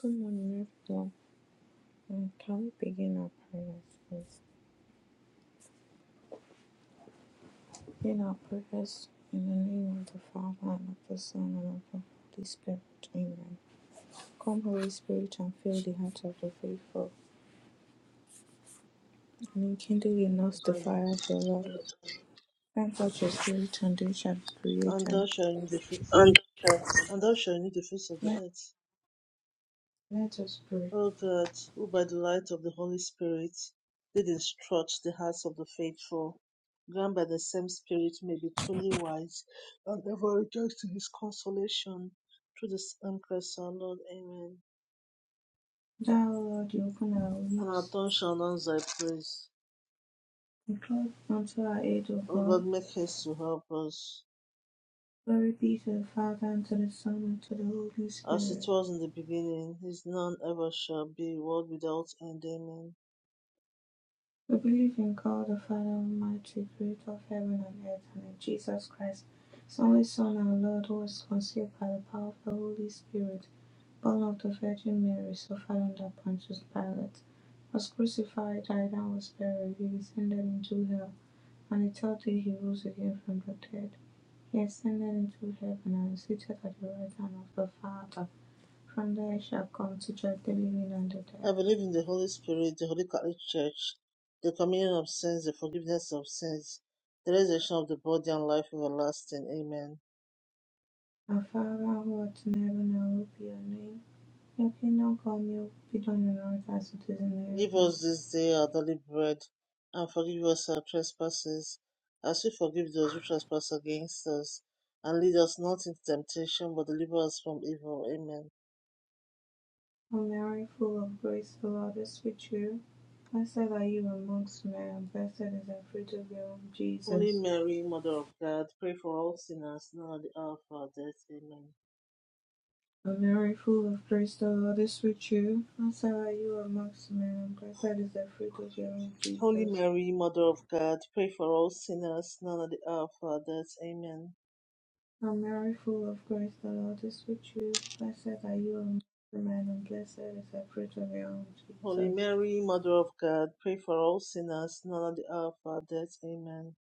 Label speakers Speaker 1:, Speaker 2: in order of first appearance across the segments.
Speaker 1: Good morning, everyone. Um, Can we begin our prayers, please? Begin our prayers in the name of the Father, and of the Son, and of the Holy Spirit. Amen. Come, Holy Spirit, and fill the hearts of the faithful, and enkindle in us the fire
Speaker 2: And
Speaker 1: of your love. Send forth your Spirit, and they shall be created.
Speaker 2: thou shalt renew the face of, and thou shalt renew the face of the
Speaker 1: Let,
Speaker 2: earth.
Speaker 1: let us pray.
Speaker 2: O God, who by the light of the Holy Spirit did instruct the hearts of the faithful, grant by the same Spirit may be truly wise, and ever rejoice in His consolation through the same Christ our Lord. Amen.
Speaker 1: Thou, O Lord, you open our
Speaker 2: And our
Speaker 1: lips,
Speaker 2: tongue shall announce Thy praise.
Speaker 1: and call unto our aid, O
Speaker 2: O
Speaker 1: God.
Speaker 2: God, make haste to help us,
Speaker 1: Glory be to the Father, and to the Son, and to the Holy
Speaker 2: as
Speaker 1: Spirit
Speaker 2: it was in the beginning, is none ever shall be, world without end. Amen.
Speaker 1: We believe in God the Father Almighty, creator of heaven and earth, and in Jesus Christ, his only Son, our Lord, who was conceived by the power of the Holy Spirit, born of the Virgin Mary, suffered under Pontius Pilate, was crucified, died, and was buried. He descended into hell, and the third day he rose again from the dead. He ascended into heaven and is seated at the right hand of the Father. From there he shall come to judge the living and the dead.
Speaker 2: I believe in the Holy Spirit, the Holy Catholic Church, the communion of sins, the forgiveness of sins, the resurrection of the body, and life everlasting. Amen.
Speaker 1: Our Father who art in heaven, hallowed be your name. If you know God, you will be done on earth as it is in
Speaker 2: Give
Speaker 1: heaven.
Speaker 2: us this day our daily bread, and forgive us our trespasses, as we forgive those who trespass against us. And lead us not into temptation, but deliver us from evil. Amen.
Speaker 1: O Mary, full of grace, the Lord is with you. Blessed are you amongst men, and blessed is the fruit of your womb,
Speaker 2: Holy
Speaker 1: Jesus.
Speaker 2: Mary, Mother of God, pray for all sinners now and at the hour of our death. Amen.
Speaker 1: O Mary, full of grace, the Lord is with you. Blessed are you amongst men, and blessed is the fruit of your womb,
Speaker 2: Holy
Speaker 1: Jesus.
Speaker 2: Mary, Mother of God, pray for us sinners, now and at the hour of our death. Amen.
Speaker 1: O Mary, full of grace, the Lord is with you. Blessed are you amongst men, and blessed is the fruit of your womb,
Speaker 2: Holy
Speaker 1: Jesus.
Speaker 2: Mary, Mother of God, pray for us sinners, now and at the hour of our death. Amen.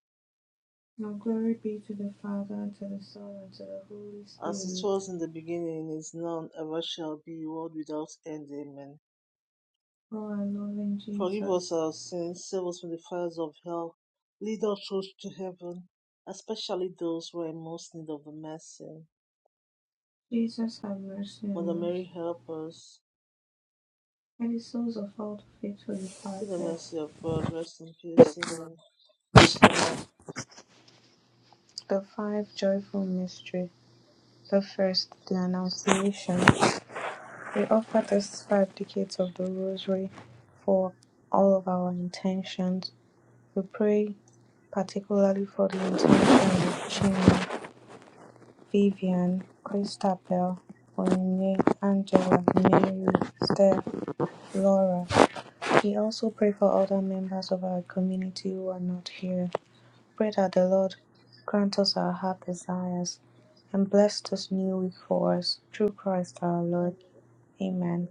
Speaker 1: Now glory be to the Father, and to the Son, and to the Holy
Speaker 2: As
Speaker 1: Spirit
Speaker 2: it was in the beginning, is now, and ever shall be, world without end. Amen.
Speaker 1: O our loving
Speaker 2: Forgive
Speaker 1: Jesus,
Speaker 2: us our sins, save us from the fires of hell, lead us souls to heaven, especially those who are in most need of the mercy.
Speaker 1: Jesus have mercy
Speaker 2: Mother
Speaker 1: on us.
Speaker 2: Mary, help us.
Speaker 1: And the souls of all the faithful
Speaker 2: Through the
Speaker 1: departed.
Speaker 2: mercy of God, rest in peace. Amen.
Speaker 1: The five joyful mysteries. The first, the Annunciation. We offer this five decades of the Rosary for all of our intentions. We pray particularly for the intention of Chima, Vivian, Christabel, Onyinye, Angela, Mary, Steph, Laura, We also pray for other members of our community who are not here. Pray that the Lord grant us our heart desires and bless this new week for us through Christ our Lord. Amen.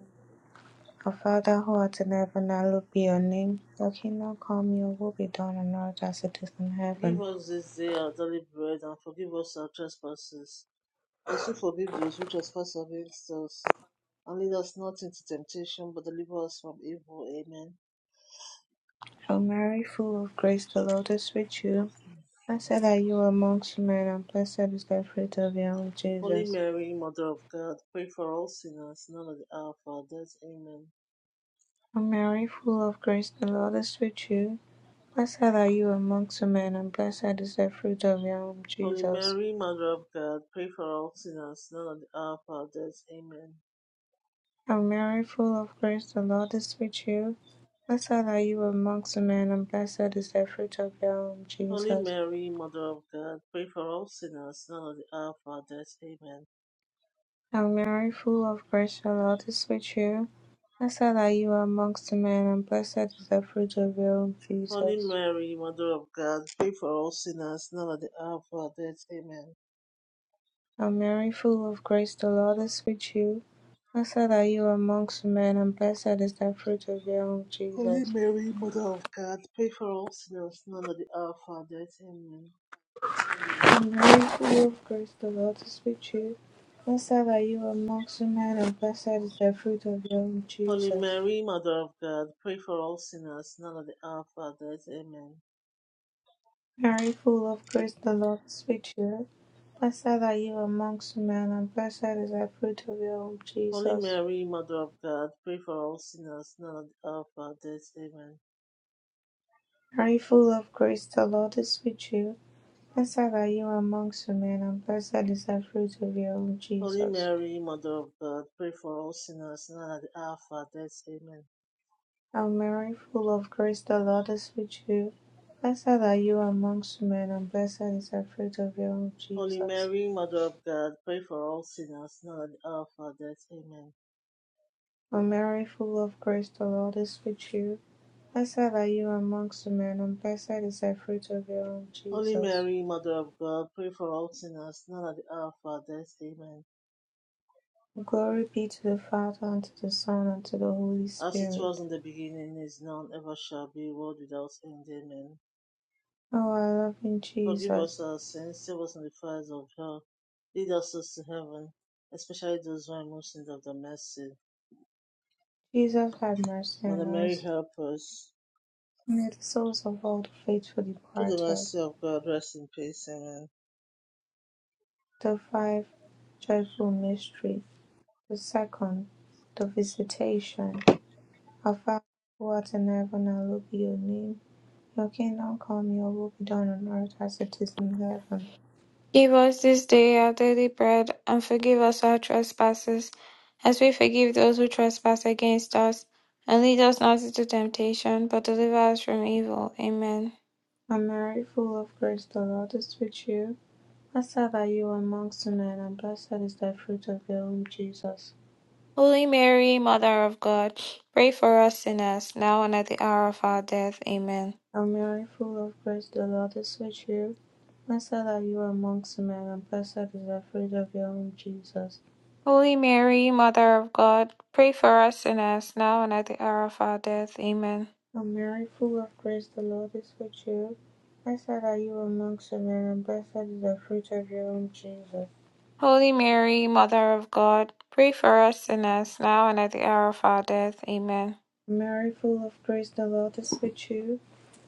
Speaker 1: Our Father who art in heaven, hallowed be your name. Your kingdom come, your will be done on earth as it is in
Speaker 2: Give
Speaker 1: heaven.
Speaker 2: us this day our daily bread, and forgive us our trespasses, as we forgive those who trespass against us. And lead us not into temptation, but deliver us from evil. Amen.
Speaker 1: Hail Mary, full of grace, the Lord is with you. Blessed are you amongst men, and blessed is the fruit of your womb,
Speaker 2: Holy
Speaker 1: Jesus.
Speaker 2: Mary, Mother of God, pray for all sinners, now and at the hour of our death. Amen.
Speaker 1: Hail Mary, full of grace, the Lord is with you. Blessed are you amongst men, and blessed is the fruit of your womb,
Speaker 2: Holy
Speaker 1: Jesus.
Speaker 2: Mary, Mother of God, pray for all sinners, now and at the hour of our death. Amen.
Speaker 1: Hail Mary, full of grace, the Lord is with you. Blessed are you amongst men, and blessed is the fruit of your womb,
Speaker 2: Holy
Speaker 1: Jesus.
Speaker 2: Mary, Mother of God, pray for all sinners, now and at the hour of our death. Amen.
Speaker 1: Hail Mary, full of grace, the Lord is with you. Blessed are you amongst men, and blessed is the fruit of your womb,
Speaker 2: Holy
Speaker 1: Jesus.
Speaker 2: Mary, Mother of God, pray for all sinners, now at the hour of our death. Amen.
Speaker 1: Hail Mary, full of grace, the Lord is with you. Blessed are you amongst men, and blessed is the fruit of your womb,
Speaker 2: Holy
Speaker 1: Jesus.
Speaker 2: Mary, Mother of God, pray for all sinners, now at the hour of our death. Amen.
Speaker 1: And very full of grace, the Lord is with you. Blessed are you amongst women, and blessed is the fruit of your womb,
Speaker 2: Holy
Speaker 1: Jesus.
Speaker 2: Mary, Mother of God, pray for all sinners, now at the hour of our death. Amen.
Speaker 1: Mary, full of grace, the Lord is with you. Blessed are you amongst women, and blessed is the fruit of your womb,
Speaker 2: Holy
Speaker 1: Jesus.
Speaker 2: Mary, Mother of God, pray for all sinners, now at the hour of our death. Amen.
Speaker 1: Mary, full of grace, the Lord is with you. Blessed are you amongst women, and blessed is the fruit of your womb,
Speaker 2: Holy
Speaker 1: Jesus.
Speaker 2: Mary, Mother of God, pray for all sinners, now at the hour of our death. Amen.
Speaker 1: O Mary, full of grace, the Lord is with you. Blessed are you amongst men, and blessed is the fruit of your womb,
Speaker 2: Holy
Speaker 1: Jesus.
Speaker 2: Mary, Mother of God, pray for all sinners, now at the hour of our death. Amen.
Speaker 1: O Mary, full of grace, the Lord is with you. Blessed are you amongst men, and blessed is the fruit of your womb,
Speaker 2: Holy
Speaker 1: Jesus.
Speaker 2: Mary, Mother of God, pray for all sinners, now at the hour of our death. Amen.
Speaker 1: Glory be to the Father, and to the Son, and to the Holy
Speaker 2: As it
Speaker 1: Spirit.
Speaker 2: was in the beginning, is now, and ever shall be, world without end. Amen.
Speaker 1: O our loving
Speaker 2: Forgive us
Speaker 1: Jesus,
Speaker 2: our sins, save us from the fires of hell, lead us to heaven, especially those who are most in need of the mercy.
Speaker 1: Jesus, have mercy
Speaker 2: Mother
Speaker 1: on
Speaker 2: Mary,
Speaker 1: us.
Speaker 2: help us.
Speaker 1: May the souls of all the faithful
Speaker 2: Through the
Speaker 1: departed,
Speaker 2: mercy of God, rest in peace. Amen.
Speaker 1: the five joyful mysteries. The second, the visitation. Our Father who art in heaven, hallowed be your name. Your kingdom come, your will be done on earth as it is in heaven.
Speaker 3: Give us this day our daily bread, and forgive us our trespasses, as we forgive those who trespass against us. And lead us not into temptation, but deliver us from evil. Amen.
Speaker 1: And Mary, full of grace, the Lord is with you. Blessed are you amongst women, and blessed is the fruit of your womb, Jesus.
Speaker 3: Holy Mary, Mother of God, pray for us sinners, now and at the hour of our death. Amen.
Speaker 1: Hail Mary, full of grace, the Lord is with you. Blessed are you amongst women, and blessed is the fruit of your womb, Jesus.
Speaker 3: Holy Mary, Mother of God, pray for us sinners, now and at the hour of our death. Amen.
Speaker 1: O Mary, full of grace, the Lord is with you. Blessed are you amongst women, and blessed is the fruit of your womb, Jesus.
Speaker 3: Holy Mary, Mother of God, pray for us sinners, now and at the hour of our death. Amen.
Speaker 1: Mary, full of grace, the Lord is with you.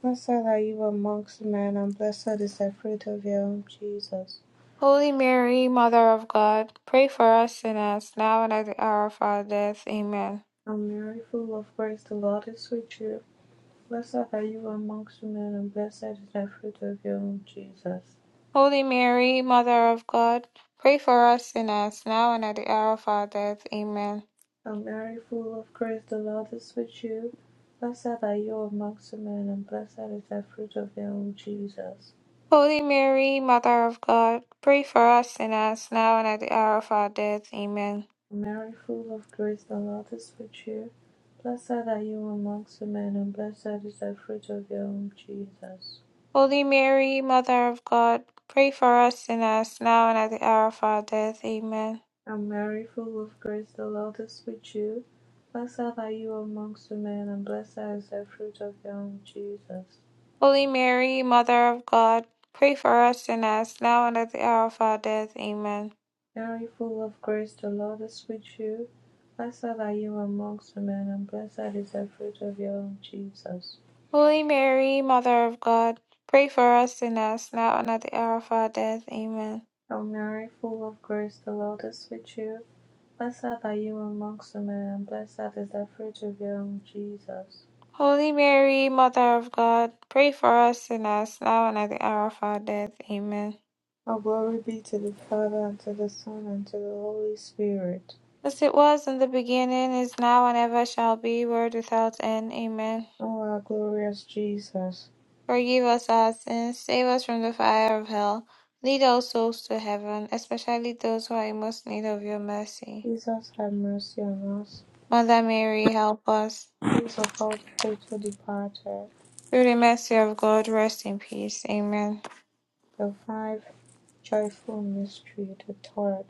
Speaker 1: Blessed are you amongst men, and blessed is the fruit of your womb, Jesus.
Speaker 3: Holy Mary, Mother of God, pray for us sinners, now and at the hour of our death. Amen.
Speaker 1: O Mary, full of grace, the Lord is with you. Blessed are you amongst women, and blessed is the fruit of your womb, Jesus.
Speaker 3: Holy Mary, Mother of God, pray for us sinners, now and at the hour of our death. Amen.
Speaker 1: O Mary, full of grace, the Lord is with you. Blessed are you amongst women, and blessed is the fruit of your womb, Jesus.
Speaker 3: Holy Mary, Mother of God, pray for us sinners, now and at the hour of our death. Amen.
Speaker 1: O Mary, full of grace, the Lord is with you. Blessed are you amongst women, and blessed is the fruit of your womb, Jesus.
Speaker 3: Holy Mary, Mother of God, pray for us sinners, now and at the hour of our death. Amen.
Speaker 1: And Mary, full of grace, the Lord is with you. Blessed are you amongst women, and blessed is the fruit of your womb, Jesus.
Speaker 3: Holy Mary, Mother of God, pray for us sinners, now and at the hour of our death. Amen.
Speaker 1: Now you full of grace, the Lord is with you. Blessed are you amongst women, and blessed is the fruit of your womb, Jesus.
Speaker 3: Holy Mary, Mother of God, pray for us sinners, now and at the hour of our death. Amen.
Speaker 1: Hail Mary, full of grace, the Lord is with you. Blessed are you amongst women, and blessed is the fruit of your womb, Jesus.
Speaker 3: Holy Mary, Mother of God, pray for us sinners, now and at the hour of our death. Amen.
Speaker 1: All glory be to the Father, and to the Son, and to the Holy Spirit.
Speaker 3: As it was in the beginning, is now, and ever shall be, world without end. Amen.
Speaker 1: O our glorious Jesus,
Speaker 3: Forgive us our sins, save us from the fire of hell. Lead all souls to heaven, especially those who are in most need of your mercy.
Speaker 1: Jesus have mercy on us.
Speaker 3: Mother Mary, help us.
Speaker 1: Peace of all faithful departed.
Speaker 3: Through the mercy of God, rest in peace. Amen.
Speaker 1: The five joyful mystery, the third.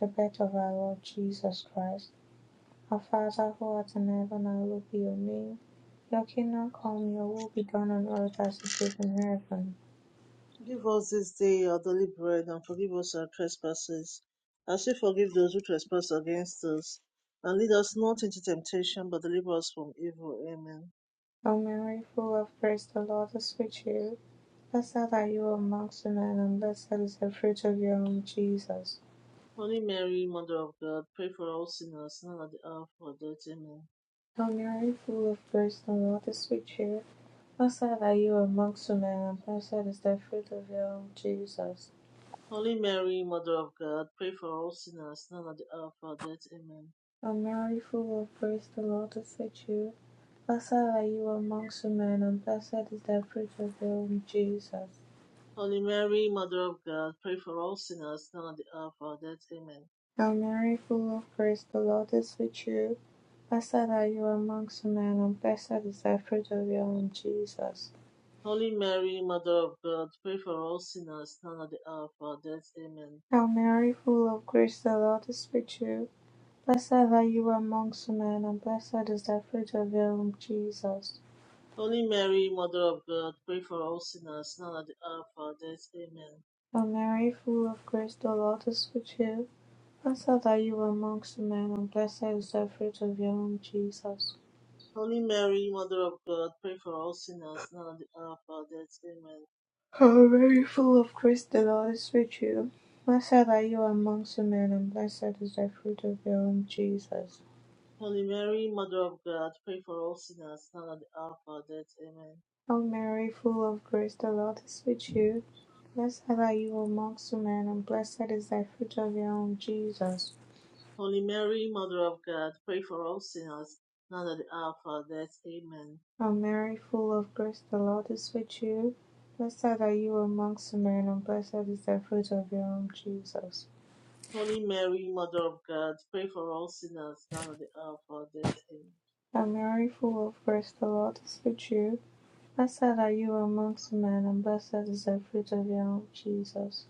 Speaker 1: the birth of our Lord Jesus Christ. Our Father who art in heaven, hallowed be your name. Your kingdom come, your will be done on earth as it is in heaven.
Speaker 2: Give us this day our daily bread, and forgive us our trespasses, as we forgive those who trespass against us. And lead us not into temptation, but deliver us from evil. Amen.
Speaker 1: O Mary, full of grace, the Lord is with you. Blessed are you amongst women, and blessed is the fruit of your womb, Jesus.
Speaker 2: Holy Mary, Mother of God, pray for all sinners, now and at the hour of our death. Amen.
Speaker 1: O Mary, full of grace, the Lord is with you. Blessed are you amongst women, and blessed is the fruit of your womb, Jesus.
Speaker 2: Holy Mary, Mother of God, pray for all sinners, now and at the hour of our death. Amen.
Speaker 1: O Mary, full of grace, the Lord is with you. Blessed are you amongst men, and blessed is the fruit of your womb, Jesus.
Speaker 2: Holy Mary, Mother of God, pray for all sinners, now and at the hour of our death. Amen.
Speaker 1: Hail Mary, full of grace, the Lord is with you. Blessed are you amongst men, and blessed is the fruit of your womb, Jesus.
Speaker 2: Holy Mary, Mother of God, pray for all sinners, now and at the hour of our death. Amen.
Speaker 1: Hail Mary, full of grace, the Lord is with you. Blessed are you amongst men, and blessed is the fruit of your womb, Jesus.
Speaker 2: Holy Mary, Mother of God, pray for all sinners now at the hour of our death. Amen.
Speaker 1: Hail Mary, full of grace, the Lord is with you. Blessed are you amongst men, and blessed is the fruit of your womb, Jesus.
Speaker 2: Holy Mary, Mother of God, pray for all sinners now at the hour of our death. Amen.
Speaker 1: How very full of grace the Lord is with you. Blessed are you amongst women, and blessed is the fruit of your womb, Jesus.
Speaker 2: Holy Mary, Mother of God, pray for all sinners now at the hour of our death. Amen.
Speaker 1: Hail Mary, full of grace, the Lord is with you. Blessed are you amongst women, and blessed is the fruit of your womb, Jesus.
Speaker 2: Holy Mary, Mother of God, pray for all sinners now at the hour of our death. Amen.
Speaker 1: Hail Mary, full of grace, the Lord is with you. Blessed are you amongst women, and blessed is the fruit of your womb, Jesus.
Speaker 2: Holy Mary, Mother of God, pray for all sinners now at the hour of our death. Amen.
Speaker 1: Hail Mary, full of grace, the Lord is with you. Blessed are you amongst men, and blessed is the fruit of your womb, Jesus.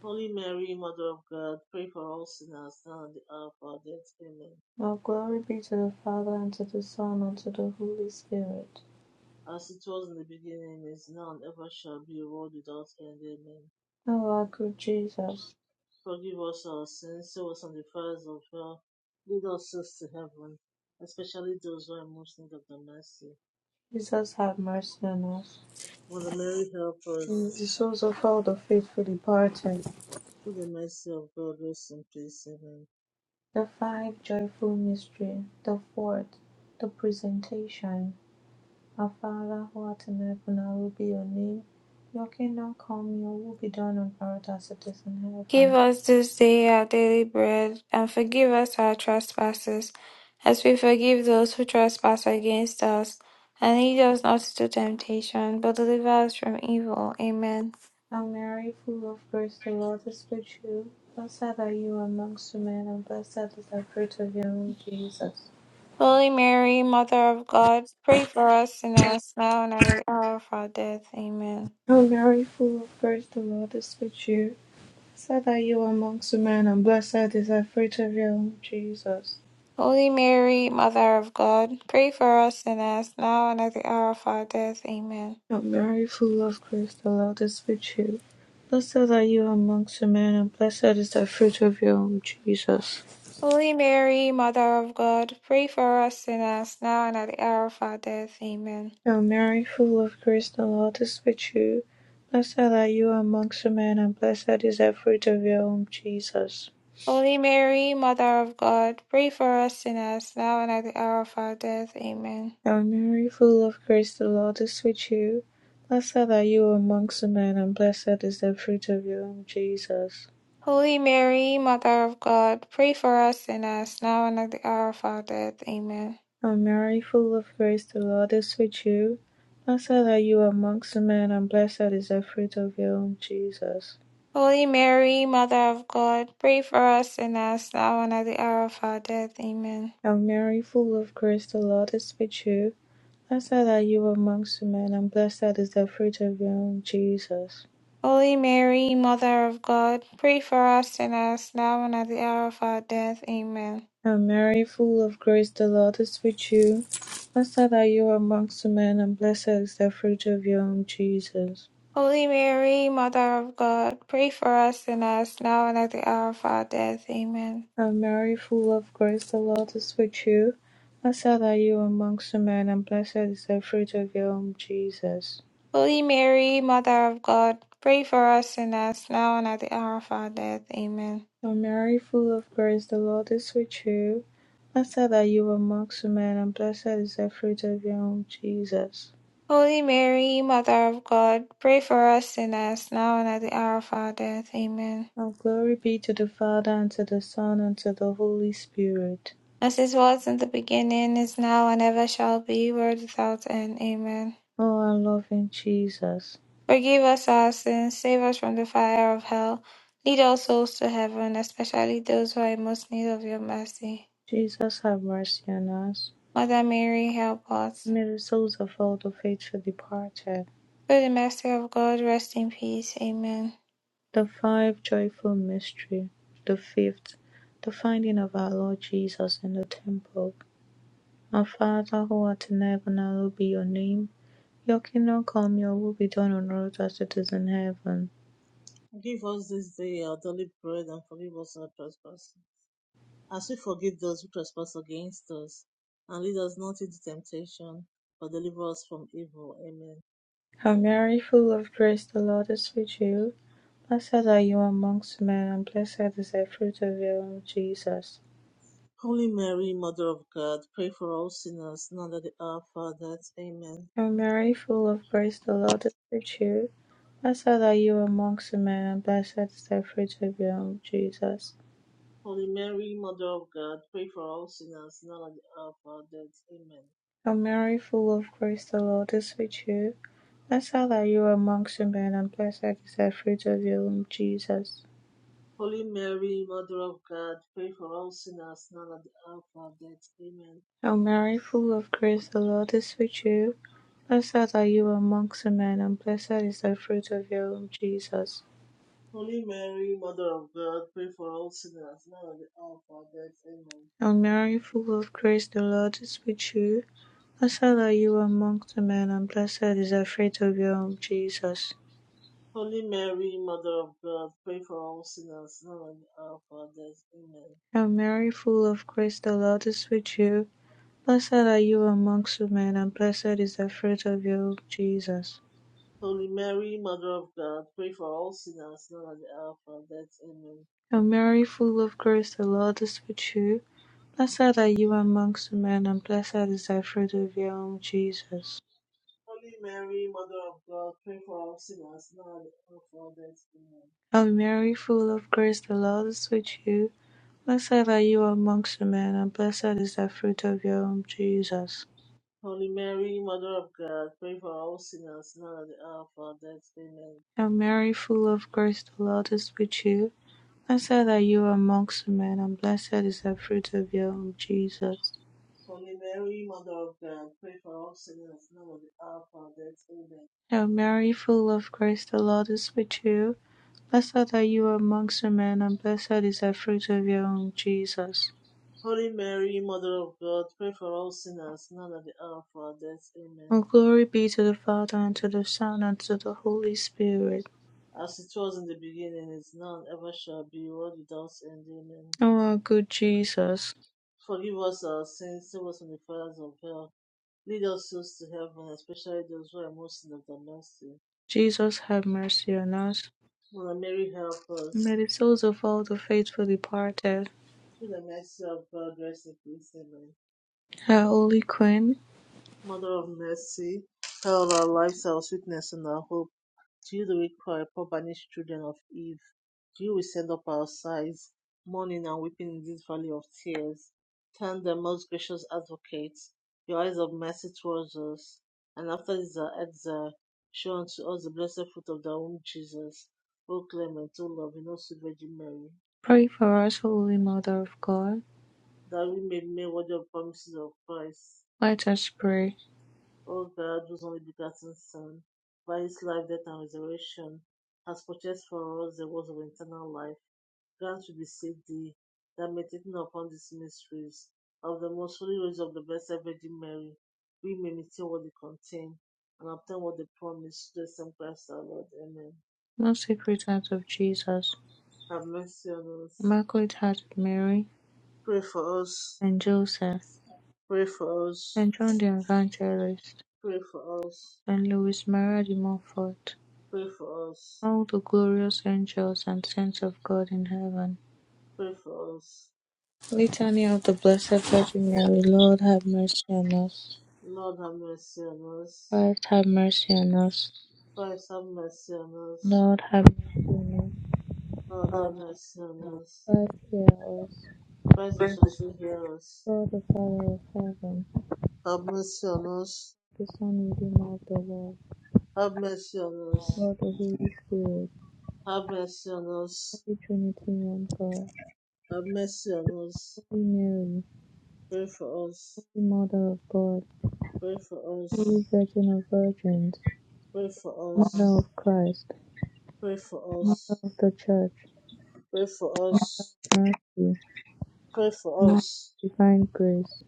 Speaker 2: Holy Mary, Mother of God, pray for all sinners now at the hour of our death. Amen.
Speaker 1: Now glory be to the Father, and to the Son, and to the Holy Spirit.
Speaker 2: as it was in the beginning, is now, and ever shall be, a world without end. Amen.
Speaker 1: O our good Jesus,
Speaker 2: Forgive us our sins, save us from the fires of hell, lead us souls to heaven, especially those who are in most in need of the mercy.
Speaker 1: Jesus have mercy on us.
Speaker 2: Mother Mary, help
Speaker 1: In
Speaker 2: us.
Speaker 1: the souls of all the faithful departed,
Speaker 2: Through the mercy of God, rest in peace. Amen.
Speaker 1: the five joyful mystery, the fourth, the presentation. Our Father who art in heaven, hallowed be your name. Your kingdom come, your will be done on earth as it is in heaven.
Speaker 3: Give us this day our daily bread, and forgive us our trespasses, as we forgive those who trespass against us. And lead us not into temptation, but deliver us from evil. Amen.
Speaker 1: O Mary, full of grace, the Lord is with you. Blessed are you amongst women, and blessed is the fruit of your womb, Jesus.
Speaker 3: Holy Mary, Mother of God, pray for us sinners, now and at the hour of our death. Amen.
Speaker 1: O Mary, full of grace, the Lord is with you. Blessed are you amongst women, and blessed is the fruit of your womb, Jesus.
Speaker 3: Holy Mary, Mother of God, pray for us sinners, now and at the hour of our death. Amen.
Speaker 1: O Mary, full of grace, the Lord is with you. Blessed are you amongst women, and blessed is the fruit of your womb, Jesus.
Speaker 3: Holy Mary, Mother of God, pray for us sinners now and at the hour of our death. Amen.
Speaker 1: O Mary, full of grace, the Lord is with you. Blessed are you amongst women, and blessed is the fruit of your womb, Jesus.
Speaker 3: Holy Mary, Mother of God, pray for us sinners now and at the hour of our death. Amen.
Speaker 1: O Mary, full of grace, the Lord is with you. Blessed are you amongst women, and blessed is the fruit of your womb, Jesus.
Speaker 3: Holy Mary, Mother of God, pray for us sinners now and at the hour of our death. Amen.
Speaker 1: O Mary, full of grace, the Lord is with you. Blessed are you amongst women, and blessed is the fruit of your womb, Jesus.
Speaker 3: Holy Mary, Mother of God, pray for us sinners now and at the hour of our death. Amen.
Speaker 1: Hail Mary, full of grace, the Lord is with you. Blessed are you amongst men, and blessed is the fruit of your womb, Jesus.
Speaker 3: Holy Mary, Mother of God, pray for us sinners now and at the hour of our death. Amen.
Speaker 1: And Mary, full of grace, the Lord is with you. Blessed are you amongst men, and blessed is the fruit of your womb, Jesus.
Speaker 3: Holy Mary, Mother of God, pray for us sinners, now and at the hour of our death. Amen.
Speaker 1: And Mary, full of grace, the Lord is with you. Blessed are you amongst men, and blessed is the fruit of your womb, Jesus.
Speaker 3: Holy Mary, Mother of God, pray for us sinners, now and at the hour of our death. Amen.
Speaker 1: And Mary, full of grace, the Lord is with you. Blessed are you amongst men, and blessed is the fruit of your womb, Jesus.
Speaker 3: Holy Mary, Mother of God, pray for us sinners, now and at the hour of our death. Amen.
Speaker 1: Now glory be to the Father, and to the Son, and to the Holy Spirit.
Speaker 3: As it was in the beginning, is now, and ever shall be, world without end. Amen.
Speaker 1: O our loving Jesus,
Speaker 3: Forgive us our sins, save us from the fire of hell, lead all souls to heaven, especially those who are in most need of your mercy.
Speaker 1: Jesus have mercy on us.
Speaker 3: Mother Mary, help us.
Speaker 1: May the souls of all the faithful departed,
Speaker 3: Through the mercy of God, rest in peace. Amen.
Speaker 1: the five joyful mystery, the fifth, the finding of our Lord Jesus in the temple. Our Father who art in heaven, hallowed be your name. Your kingdom come, your will be done on earth as it is in heaven.
Speaker 2: Give us this day our daily bread, and forgive us our trespasses, as we forgive those who trespass against us. And lead us not into temptation, but deliver us from evil. Amen.
Speaker 1: Hail Mary, full of grace, the Lord is with you. Blessed are you amongst men, and blessed is the fruit of your womb, Jesus.
Speaker 2: Holy Mary, Mother of God, pray for all sinners, now at the hour of our death. Amen.
Speaker 1: Hail Mary, full of grace, the Lord is with you. Blessed are you amongst men, and blessed is the fruit of your womb, Jesus.
Speaker 2: Holy Mary, Mother of God, pray for all sinners, now at the hour of our death. Amen.
Speaker 1: Hail Mary, full of grace, the Lord is with you. Blessed are you amongst men, and blessed is the fruit of your womb, Jesus.
Speaker 2: Holy Mary, Mother of God, pray for all sinners, now at the hour of our death. Amen.
Speaker 1: Hail Mary, full of grace, the Lord is with you. Blessed are you amongst men, and blessed is the fruit of your womb, Jesus.
Speaker 2: Holy Mary, Mother of God, pray for all sinners, now at the hour of our death. Amen.
Speaker 1: Young Mary, full of grace, the Lord is with you. Blessed are you among the men, and blessed is the fruit of your womb, Jesus.
Speaker 2: Holy Mary, Mother of God, pray for all sinners, now at the hour of our death. Amen.
Speaker 1: Hail Mary, full of grace, the Lord is with you. Blessed are you amongst women, and blessed is the fruit of your womb, Jesus.
Speaker 2: Holy Mary, Mother of God, pray for all sinners now at the hour of our death. Amen.
Speaker 1: Hail Mary, full of grace, the Lord is with you. Blessed are you amongst women, and blessed is the fruit of your womb, Jesus.
Speaker 2: Holy Mary, Mother of God, pray for all sinners now at the hour of our death. Amen.
Speaker 1: Hail Mary, full of grace, the Lord is with you. Blessed are you amongst men, and blessed is the fruit of your womb, Jesus.
Speaker 2: Holy Mary, Mother of God, pray for all sinners now at the hour of our death. Amen.
Speaker 1: Hail Mary, full of grace, the Lord is with you. Blessed are you amongst men, and blessed is the fruit of your womb, Jesus.
Speaker 2: Holy Mary, Mother of God, pray for all sinners now at the hour of our death. Amen.
Speaker 1: Hail Mary, full of grace, the Lord is with you. Blessed are you amongst men, and blessed is the fruit of your womb, Jesus.
Speaker 2: Holy Mary, Mother of God, pray for all sinners now at the hour of our death. Amen.
Speaker 1: All glory be to the Father, and to the Son, and to the Holy Spirit.
Speaker 2: As it was in the beginning, is now, and ever shall be, world without end. Amen.
Speaker 1: O our good Jesus,
Speaker 2: Forgive us our sins, save us from the fires of hell. Lead us souls to heaven, especially those who are most in of the mercy.
Speaker 1: Jesus have mercy on us.
Speaker 2: Mother Mary, help us.
Speaker 1: May the souls of all the faithful departed,
Speaker 2: Through the mercy of God, rest in peace. Amen.
Speaker 1: Our Holy Queen,
Speaker 2: Mother of mercy, tell our lives, our sweetness, and our hope. To you, the weak cry, poor banished children of Eve. To you, we send up our sighs, mourning and weeping in this valley of tears. Turn then, most gracious advocate, your eyes of mercy towards us, and after this our exile, show unto us the blessed fruit of thy womb, Jesus. O clement, O loving, O sweet Virgin Mary,
Speaker 1: pray for us, Holy Mother of God.
Speaker 2: that we may be made worthy of the promises of Christ.
Speaker 1: Let us pray.
Speaker 2: O God, whose only begotten Son, by his life, death, and resurrection, has purchased for us the words of eternal life Grant we beseech thee that meditating upon these mysteries of the most holy rose of the Blessed Virgin Mary, we may meditate what they contain and obtain what they promise through the same Christ our Lord. Amen.
Speaker 1: Most Sacred Heart of Jesus,
Speaker 2: Have mercy on us.
Speaker 1: Immaculate Heart of Mary,
Speaker 2: Pray for us.
Speaker 1: and Joseph,
Speaker 2: Pray for us.
Speaker 1: Saint John the Evangelist,
Speaker 2: Pray for us.
Speaker 1: Saint Louis Maria de Montfort,
Speaker 2: Pray for us.
Speaker 1: all the glorious angels and saints of God in heaven.
Speaker 2: Pray for us.
Speaker 1: Litany of the Blessed Virgin Mary, Lord have mercy on us.
Speaker 2: Lord have mercy on us.
Speaker 1: Christ have mercy on us.
Speaker 2: Christ have mercy on us.
Speaker 1: Lord have mercy on us.
Speaker 2: Lord have
Speaker 1: Five
Speaker 2: mercy on us.
Speaker 1: years
Speaker 2: Christ graciously hear us.
Speaker 1: for the Father of heaven,
Speaker 2: Have mercy on us.
Speaker 1: the Son, Redeemer of the world,
Speaker 2: Have mercy on us.
Speaker 1: Lord of the Holy Spirit,
Speaker 2: Have mercy on us.
Speaker 1: Holy Trinity, one God,
Speaker 2: Have mercy on us.
Speaker 1: Holy Mary,
Speaker 2: Pray for us.
Speaker 1: Holy Mother of God,
Speaker 2: Pray for us.
Speaker 1: Holy Virgin of Virgins,
Speaker 2: Pray for us.
Speaker 1: Mother of Christ,
Speaker 2: Pray for
Speaker 1: Mother
Speaker 2: us.
Speaker 1: of the Church,
Speaker 2: Pray for us.
Speaker 1: Mercy,
Speaker 2: Pray for
Speaker 1: Mother of
Speaker 2: us.
Speaker 1: Divine Grace,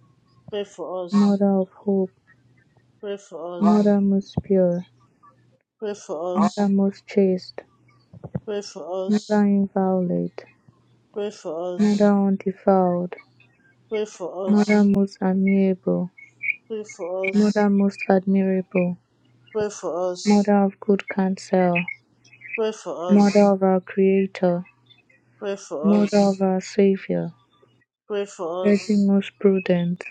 Speaker 2: Pray for us.
Speaker 1: Mother of Hope,
Speaker 2: Pray for us.
Speaker 1: Mother most pure,
Speaker 2: Pray for us.
Speaker 1: Mother most chaste,
Speaker 2: Pray for us.
Speaker 1: Mother inviolate,
Speaker 2: Pray for
Speaker 1: Mother
Speaker 2: us.
Speaker 1: undefiled,
Speaker 2: Pray for
Speaker 1: Mother
Speaker 2: us.
Speaker 1: most admirable,
Speaker 2: Pray for us.
Speaker 1: Mother most admirable, Mother of good counsel,
Speaker 2: Pray for
Speaker 1: Mother
Speaker 2: us.
Speaker 1: of our Creator,
Speaker 2: Pray for
Speaker 1: Mother of
Speaker 2: us.
Speaker 1: our Savior,
Speaker 2: Pray for
Speaker 1: Virgin
Speaker 2: us.
Speaker 1: most prudent,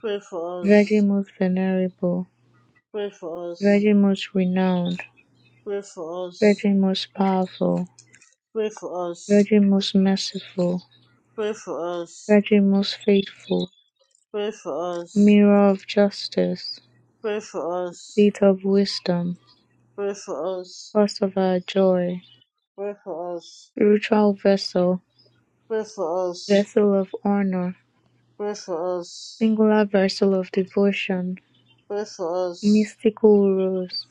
Speaker 2: Pray for us. Pray for us.
Speaker 1: Virgin most venerable,
Speaker 2: Pray for us
Speaker 1: Virgin most renowned,
Speaker 2: Pray for us.
Speaker 1: Virgin most powerful,
Speaker 2: Pray for us.
Speaker 1: Virgin most merciful,
Speaker 2: Pray for us.
Speaker 1: Virgin most faithful,
Speaker 2: Pray for us.
Speaker 1: Mirror of justice,
Speaker 2: Pray for us.
Speaker 1: Seat of wisdom,
Speaker 2: Pray for us.
Speaker 1: Cause of our joy,
Speaker 2: Pray for us.
Speaker 1: Spiritual vessel,
Speaker 2: Pray for us.
Speaker 1: Vessel of honor,
Speaker 2: Pray for
Speaker 1: Singular vessel of devotion,
Speaker 2: us.
Speaker 1: mystical rose,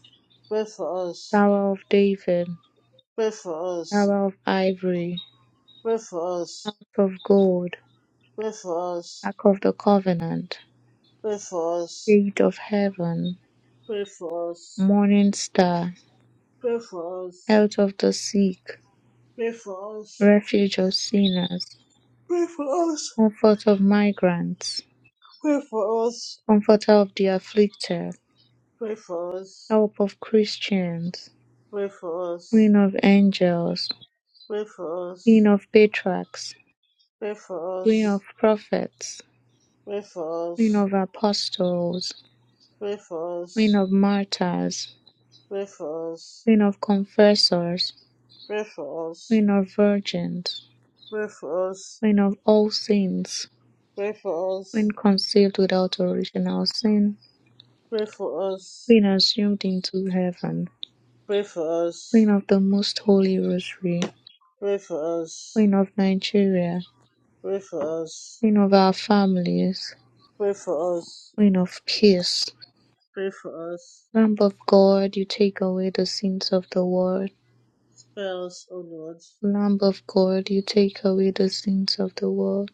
Speaker 2: Pray for us.
Speaker 1: Tower of David,
Speaker 2: Pray for us.
Speaker 1: Tower of Ivory,
Speaker 2: Pray for us.
Speaker 1: Ark of Gold,
Speaker 2: Pray for us.
Speaker 1: Ark of the Covenant,
Speaker 2: Pray for us. Pray for us.
Speaker 1: Gate of Heaven,
Speaker 2: Pray for us.
Speaker 1: Morning Star,
Speaker 2: Pray for
Speaker 1: Health
Speaker 2: us.
Speaker 1: of the Sick,
Speaker 2: Pray for us.
Speaker 1: Refuge of Sinners,
Speaker 2: Pray for us.
Speaker 1: Comfort of Migrants,
Speaker 2: Pray for us.
Speaker 1: Comforter of the Afflicted,
Speaker 2: Pray for us.
Speaker 1: Help of Christians,
Speaker 2: Pray for us.
Speaker 1: Queen of Angels,
Speaker 2: Pray for us.
Speaker 1: Queen of Patriarchs,
Speaker 2: Pray for
Speaker 1: Queen of
Speaker 2: us.
Speaker 1: Prophets,
Speaker 2: Pray for
Speaker 1: Queen
Speaker 2: us.
Speaker 1: of Apostles,
Speaker 2: Pray for
Speaker 1: Queen
Speaker 2: us.
Speaker 1: of Martyrs,
Speaker 2: Pray for us.
Speaker 1: Queen of Confessors,
Speaker 2: Pray for us.
Speaker 1: Queen of Virgins, Queen of All Saints,
Speaker 2: Pray for us. Pray for
Speaker 1: Queen
Speaker 2: us.
Speaker 1: conceived without original sin,
Speaker 2: Pray for us.
Speaker 1: Queen assumed into heaven,
Speaker 2: Pray
Speaker 1: Queen of the Most Holy Rosary,
Speaker 2: for us.
Speaker 1: Queen of Nigeria,
Speaker 2: Pray for us.
Speaker 1: Queen of our families,
Speaker 2: Pray for us. Pray for us.
Speaker 1: Queen of Peace,
Speaker 2: Pray for us.
Speaker 1: Lamb of God, you take away the sins of the world.
Speaker 2: Spare us, O Lord.
Speaker 1: Lamb of God, you take away the sins of the world.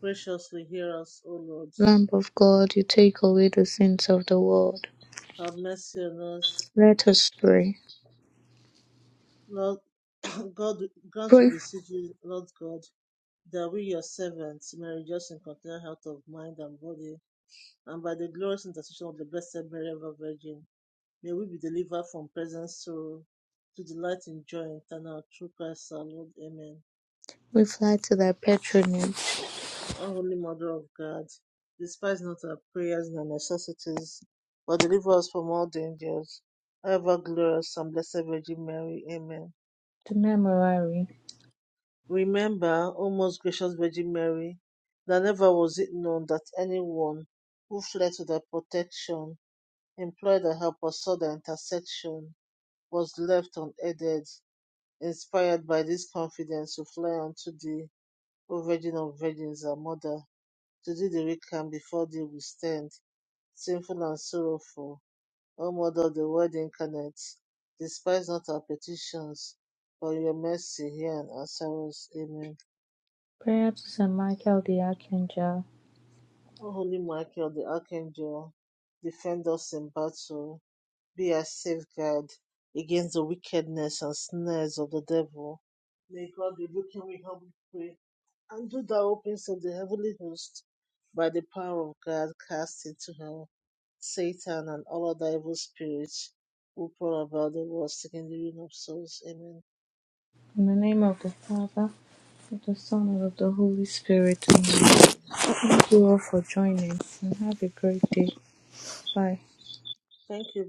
Speaker 2: Graciously hear us, O Lord.
Speaker 1: Lamb of God, you take away the sins of the world.
Speaker 2: Have mercy on us.
Speaker 1: Let us pray.
Speaker 2: Lord God, grant to
Speaker 1: Pray.
Speaker 2: beseech you, Lord God that we, your servants, may rejoice in continual health of mind and body, and by the glorious intercession of the Blessed Mary, ever Virgin, may we be delivered from present sorrow to delight in joy eternal through Christ our Lord. Amen.
Speaker 1: We fly to thy patronage.
Speaker 2: O Holy Mother of God, despise not our prayers and our necessities, but deliver us from all dangers. O ever glorious and blessed Virgin Mary. Amen.
Speaker 1: To Memorare.
Speaker 2: Remember, O most gracious Virgin Mary, that never was it known that anyone who fled to thy protection, implored thy help, or sought thy intercession was left unaided. Inspired by this confidence, we fly unto thee, O Virgin of Virgins, our Mother. To thee the weak can before thee we stand, sinful and sorrowful. O Mother of the Word incarnate, despise not our petitions, but in your mercy hear and answer us. Amen.
Speaker 1: Prayer to Saint Michael the Archangel.
Speaker 2: O Holy Michael, the Archangel, defend us in battle. Be our safeguard against the wickedness and snares of the devil. May God rebuke him, we humbly pray. And do thou opens of the heavenly host, by the power of God, cast into hell Satan and all other evil spirits who prowl about the world seeking the ruin of souls. Amen.
Speaker 1: In the name of the Father, of the Son, and of the Holy Spirit. Amen. Thank you all for joining and have a great day. Bye.
Speaker 2: Thank you.